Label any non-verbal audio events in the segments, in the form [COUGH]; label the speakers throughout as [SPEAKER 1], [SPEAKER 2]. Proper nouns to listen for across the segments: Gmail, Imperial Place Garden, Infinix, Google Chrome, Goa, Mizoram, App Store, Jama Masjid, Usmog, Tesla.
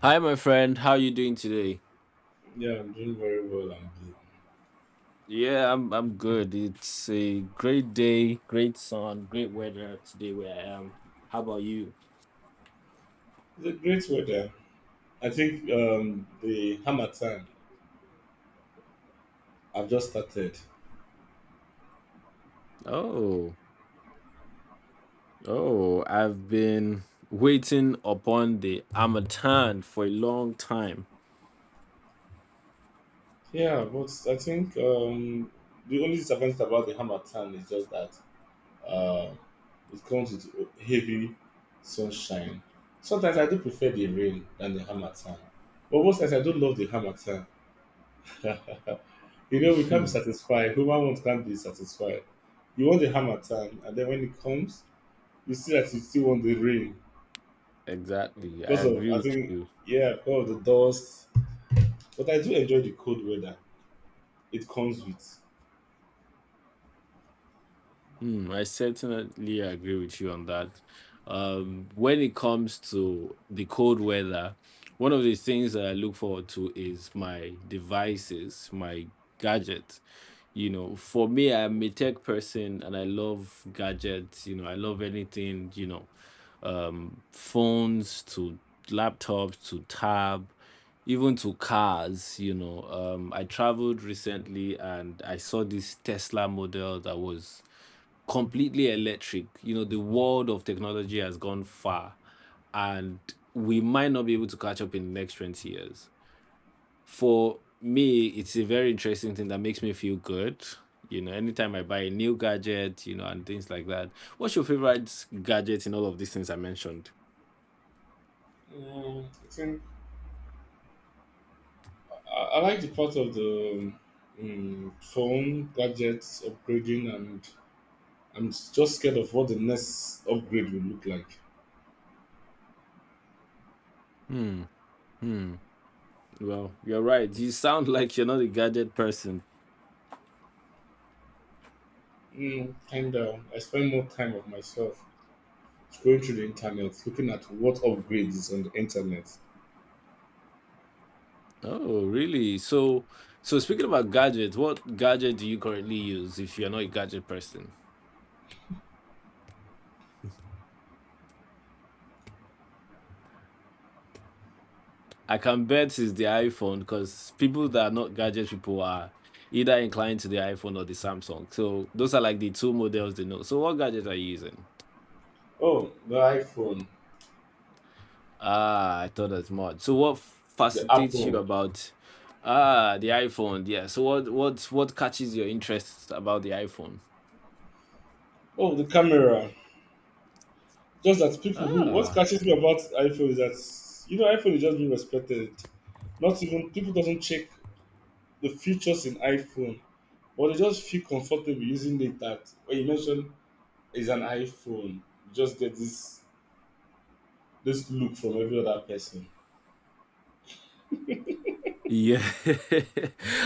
[SPEAKER 1] Hi, my friend. How you doing today?
[SPEAKER 2] Yeah, I'm doing very well. I'm good.
[SPEAKER 1] I'm good. It's a great day, great sun, great weather today where I am. How about you?
[SPEAKER 2] It's a great weather. I think the hammer time I've just started.
[SPEAKER 1] Oh, oh, I've been waiting upon the Amatan for a long time.
[SPEAKER 2] Yeah, but I think the only disadvantage about the hammer time is just that uh, it comes with heavy sunshine. Sometimes I do prefer the rain than the hammer time. But most times I don't love the hammer time. [LAUGHS] You know, we can't be
[SPEAKER 1] Hmm,
[SPEAKER 2] satisfied. Human ones can't be satisfied. You want the hammer time, and then when it comes, you see that you still want the rain.
[SPEAKER 1] exactly. I
[SPEAKER 2] Because of
[SPEAKER 1] agree
[SPEAKER 2] I
[SPEAKER 1] with
[SPEAKER 2] think
[SPEAKER 1] you.
[SPEAKER 2] yeah, because of the dust. But I do enjoy the cold weather. It comes with.
[SPEAKER 1] Hmm, I certainly agree with you on that. When it comes to the cold weather, one of the things that I look forward to is my devices, my gadgets. For me, I'm a tech person and I love gadgets. I love anything, phones to laptops to tab, even to cars. I traveled recently and I saw this Tesla model that was completely electric. The world of technology has gone far and we might not be able to catch up in the next 20 years. For me, it's a very interesting thing that makes me feel good. Anytime I buy a new gadget, and things like that. What's your favorite gadget in all of these things I mentioned?
[SPEAKER 2] I think I like the part of the phone gadgets upgrading, and I'm just scared of what the next upgrade will look like.
[SPEAKER 1] Hmm. Hmm. Well, you're right. You sound [LAUGHS] like you're not a gadget person.
[SPEAKER 2] Mm, kinda. I spend more time of myself scrolling through the internet, looking at what upgrades is on the internet.
[SPEAKER 1] Oh, really? So speaking about gadgets, what gadget do you currently use if you're not a gadget person? I can bet it's the iPhone because people that are not gadget people are either inclined to the iPhone or the Samsung. So those are like the two models they know. So what gadget are you using?
[SPEAKER 2] Oh, the iPhone,
[SPEAKER 1] Ah, I thought as much. So what
[SPEAKER 2] the
[SPEAKER 1] fascinates you
[SPEAKER 2] Apple.
[SPEAKER 1] about ah the iPhone? Yeah. So what catches your interest about the iPhone?
[SPEAKER 2] Oh, the camera. Just that people who what
[SPEAKER 1] Ah.
[SPEAKER 2] catches me about iPhone is that you know iPhone is just being respected. Not even people doesn't check the features in iPhone, but they just feel comfortable using it. That when you mention is an iPhone, you just get this this look from every other person.
[SPEAKER 1] Yeah, [LAUGHS]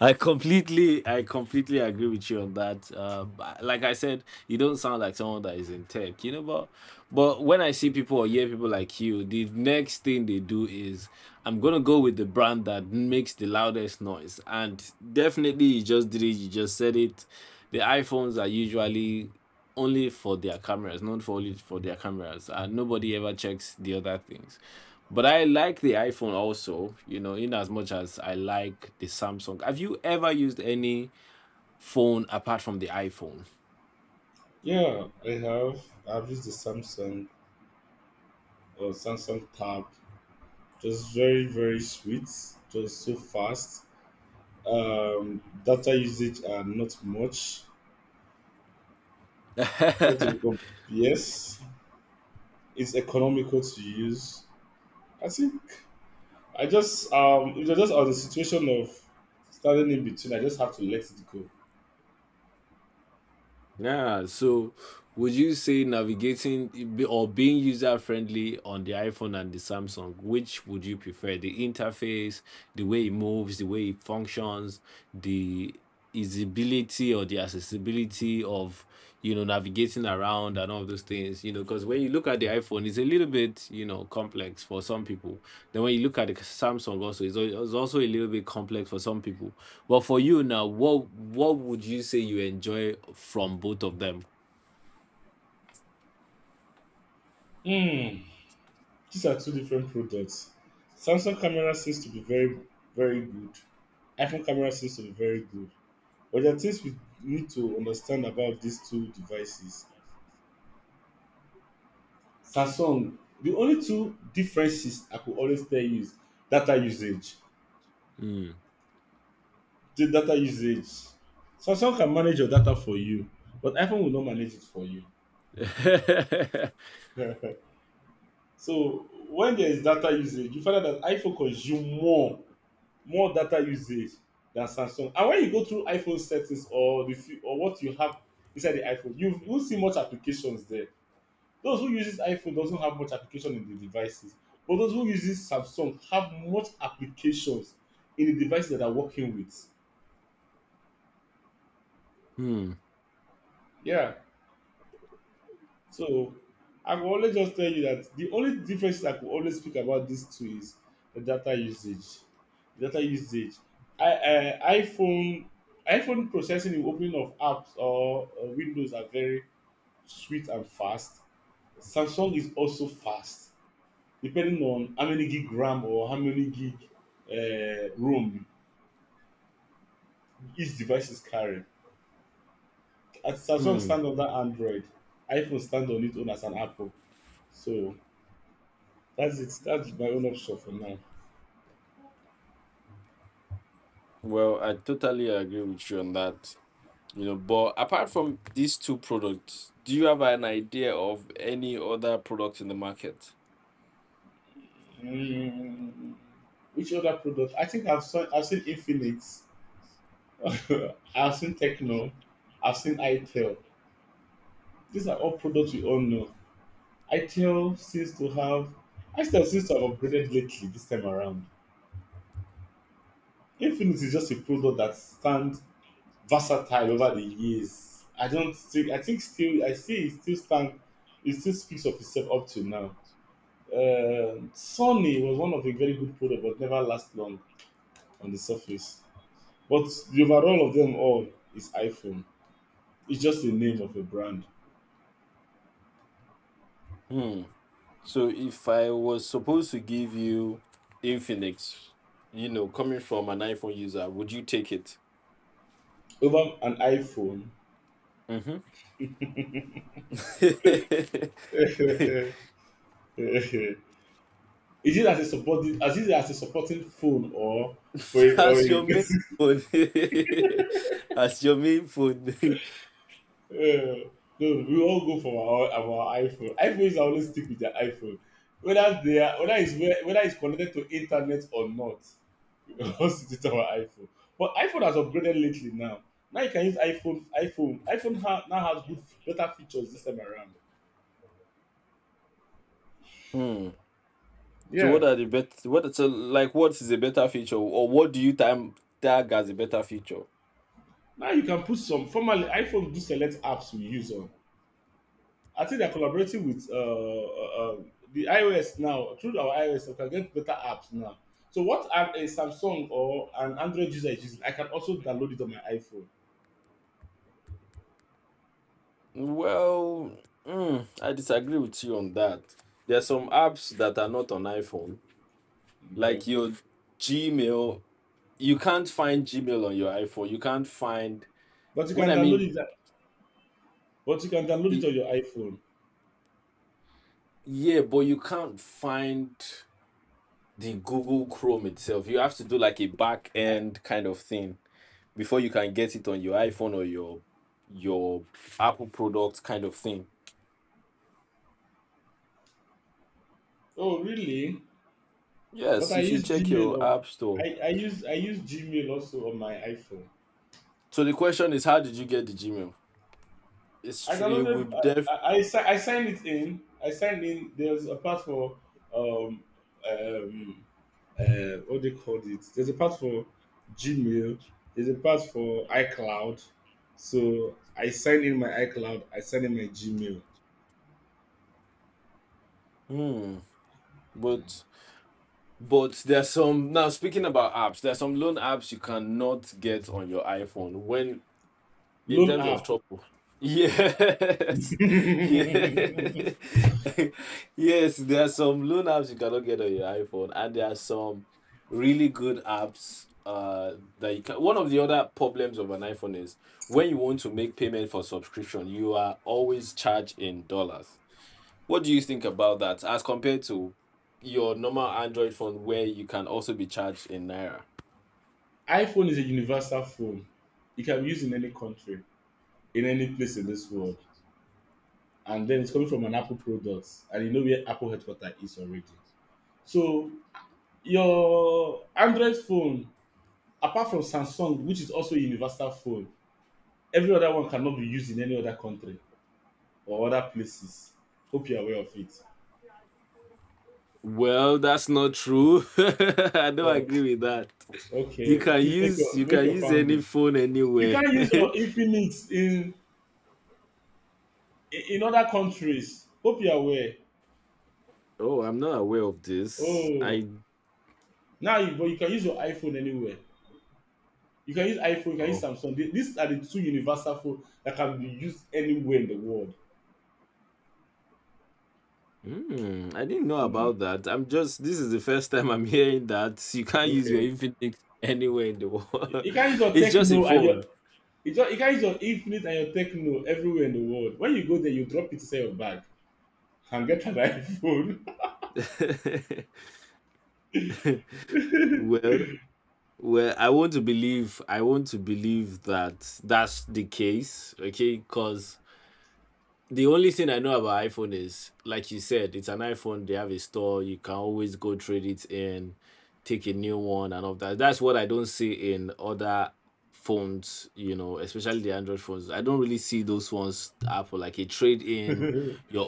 [SPEAKER 1] I completely agree with you on that. But like I said, you don't sound like someone that is in tech, you know. But when I see people or hear people like you, the next thing they do is I'm gonna go with the brand that makes the loudest noise. And definitely, you just did it. You just said it. The iPhones are usually only for their cameras, not for only for their cameras, and nobody ever checks the other things. But I like the iPhone also, in as much as I like the Samsung. Have you ever used any phone apart from the iPhone?
[SPEAKER 2] Yeah, I have. I've used the Samsung or Samsung Tab. Just very sweet. Just so fast. Data usage are not much. Not even
[SPEAKER 1] [LAUGHS]
[SPEAKER 2] com- yes it's economical to use. I think I just it was just on the situation of standing in between. I just have to let it go.
[SPEAKER 1] Yeah. So, would you say navigating or being user friendly on the iPhone and the Samsung, which would you prefer? The interface, the way it moves, the way it functions, the usability or the accessibility of navigating around and all of those things, because when you look at the iPhone, it's a little bit, complex for some people. Then when you look at the Samsung also, it's also a little bit complex for some people. But for you now, what would you say you enjoy from both of them?
[SPEAKER 2] Hmm. These are two different products. Samsung camera seems to be very good. iPhone camera seems to be very good. But there are things we need to understand about these two devices. Samsung, the only two differences I could always tell you is data usage.
[SPEAKER 1] Hmm.
[SPEAKER 2] the data usage. Samsung can manage your data for you, but iPhone will not manage it for you.
[SPEAKER 1] [LAUGHS]
[SPEAKER 2] [LAUGHS] So when there is data usage, you find out that iPhone consume more data usage than Samsung. And when you go through iPhone settings or the few, or what you have inside the iPhone, you won't see much applications there. Those who uses iPhone doesn't have much application in the devices, but those who uses Samsung have much applications in the devices that are working with.
[SPEAKER 1] Hmm.
[SPEAKER 2] Yeah. So I will always just tell you that the only difference I could always speak about these two is the data usage. data usage. I iPhone processing and opening of apps or Windows are very sweet and fast. Samsung is also fast, depending on how many gig RAM or how many gig ROM each device is carrying. As Samsung
[SPEAKER 1] Hmm.
[SPEAKER 2] stand on that Android, iPhone stand on its own as an Apple. So that's it. That's my own option for now.
[SPEAKER 1] Well, I totally agree with you on that. But apart from these two products, do you have an idea of any other products in the market?
[SPEAKER 2] Mm, which other product? I think I've seen Infinite. [LAUGHS] I've seen Techno. I've seen ITEL. These are all products we all know. ITEL seems to have ITEL seems to have upgraded lately this time around. Infinite is just a product that stands versatile over the years. I don't think I think still I see it still stand it still speaks of itself up to now. Sony was one of a very good product but never last long. On the surface. But the overall of them all is iPhone. It's just the name of a brand.
[SPEAKER 1] So if I was supposed to give you Infinix, coming from an iPhone user, would you take it
[SPEAKER 2] Over an iPhone. [LAUGHS] Is it as a supporting as a supporting phone or for
[SPEAKER 1] [LAUGHS]
[SPEAKER 2] or
[SPEAKER 1] as
[SPEAKER 2] a
[SPEAKER 1] your main
[SPEAKER 2] [LAUGHS]
[SPEAKER 1] phone? [LAUGHS] As your main phone. [LAUGHS]
[SPEAKER 2] Uh, no, we all go for our iPhone. iPhones always stick with their iPhone. Whether whether it's connected to internet or not, [LAUGHS] host it our iPhone. But iPhone has upgraded lately now. Now you can use iPhone. Now has good, better features this time around.
[SPEAKER 1] So
[SPEAKER 2] Yeah.
[SPEAKER 1] what are the bet? What so like? What is a better feature, or what do you time tag as a better feature?
[SPEAKER 2] Now you can put some formerly iPhone do select apps we use on. I think they're collaborating with uh, the iOS now through our iOS. We can get better apps now. So what I'm a Samsung or an Android user is using, I can also download it on my iPhone.
[SPEAKER 1] Well, I disagree with you on that. There are some apps that are not on iPhone,
[SPEAKER 2] Okay,
[SPEAKER 1] like your Gmail. You can't find Gmail on your iPhone. You can't find
[SPEAKER 2] but you
[SPEAKER 1] when
[SPEAKER 2] can
[SPEAKER 1] I
[SPEAKER 2] download
[SPEAKER 1] mean
[SPEAKER 2] it. But you can download it
[SPEAKER 1] i-
[SPEAKER 2] on your iPhone.
[SPEAKER 1] yeah, but you can't find the Google Chrome itself. You have to do like a back
[SPEAKER 2] I,
[SPEAKER 1] end kind of thing before you can get it on your iPhone or your Apple product kind of thing.
[SPEAKER 2] oh really? But
[SPEAKER 1] Yes,
[SPEAKER 2] I
[SPEAKER 1] if you
[SPEAKER 2] use
[SPEAKER 1] check
[SPEAKER 2] Gmail.
[SPEAKER 1] your
[SPEAKER 2] On,
[SPEAKER 1] App Store.
[SPEAKER 2] I use Gmail also on my iPhone.
[SPEAKER 1] So the question is, how did you get the Gmail?
[SPEAKER 2] I
[SPEAKER 1] It will
[SPEAKER 2] downloaded.
[SPEAKER 1] def
[SPEAKER 2] I signed it in. I signed in. There's a part for um um what they called it. There's a part for Gmail. There's a part for iCloud. So I signed in my iCloud. I signed in my Gmail
[SPEAKER 1] hmm, but but there's some now speaking about apps, there's some loan apps you cannot get on your iPhone. When in
[SPEAKER 2] loan
[SPEAKER 1] terms of
[SPEAKER 2] app.
[SPEAKER 1] trouble. Yes, [LAUGHS] yes,
[SPEAKER 2] [LAUGHS]
[SPEAKER 1] [LAUGHS] yes. There are some loan apps you cannot get on your iPhone, and there are some really good apps. That you can. One of the other problems of an iPhone is when you want to make payment for subscription, you are always charged in dollars. What do you think about that, as compared to your normal Android phone, where you can also be charged in naira?
[SPEAKER 2] iPhone is a universal phone. It can be used in any country, in any place in this world. And then it's coming from an Apple product, and you know where Apple headquarters is already. So your Android phone, apart from Samsung, which is also a universal phone, every other one cannot be used in any other country or other places. Hope you're aware of it.
[SPEAKER 1] Well, that's not true. [LAUGHS] I don't
[SPEAKER 2] Oh,
[SPEAKER 1] agree with that.
[SPEAKER 2] okay. Please make
[SPEAKER 1] You can
[SPEAKER 2] your
[SPEAKER 1] use any
[SPEAKER 2] founding.
[SPEAKER 1] phone
[SPEAKER 2] You
[SPEAKER 1] anywhere.
[SPEAKER 2] can't
[SPEAKER 1] [LAUGHS]
[SPEAKER 2] use your Infinix in other countries. Hope you're aware.
[SPEAKER 1] Oh, I'm not aware of this.
[SPEAKER 2] Oh,
[SPEAKER 1] I
[SPEAKER 2] but you can use your iPhone anywhere. You can use iPhone, you can use
[SPEAKER 1] oh
[SPEAKER 2] Samsung. These are the two universal phones that can be used anywhere in the world.
[SPEAKER 1] hmm, I didn't know
[SPEAKER 2] Mm,
[SPEAKER 1] about that. I'm this is the first time I'm hearing that. You can't use your
[SPEAKER 2] okay.
[SPEAKER 1] Infinix anywhere in the
[SPEAKER 2] You
[SPEAKER 1] world.
[SPEAKER 2] can use
[SPEAKER 1] [LAUGHS]
[SPEAKER 2] your
[SPEAKER 1] It's your
[SPEAKER 2] techno and your
[SPEAKER 1] phone.
[SPEAKER 2] you can use your infinite and your techno everywhere in the world. When you go there, you drop it inside your bag and get an [LAUGHS]
[SPEAKER 1] [LAUGHS]
[SPEAKER 2] iPhone.
[SPEAKER 1] Well, I want to believe that that's the case. Okay, because the only thing I know about iPhone is, like you said, it's an iPhone. They have a store. You can always go trade it in take a new one and all that. That's what I don't see in other phones, especially the Android phones. I don't really see those ones Apple like a trade in
[SPEAKER 2] [LAUGHS]
[SPEAKER 1] your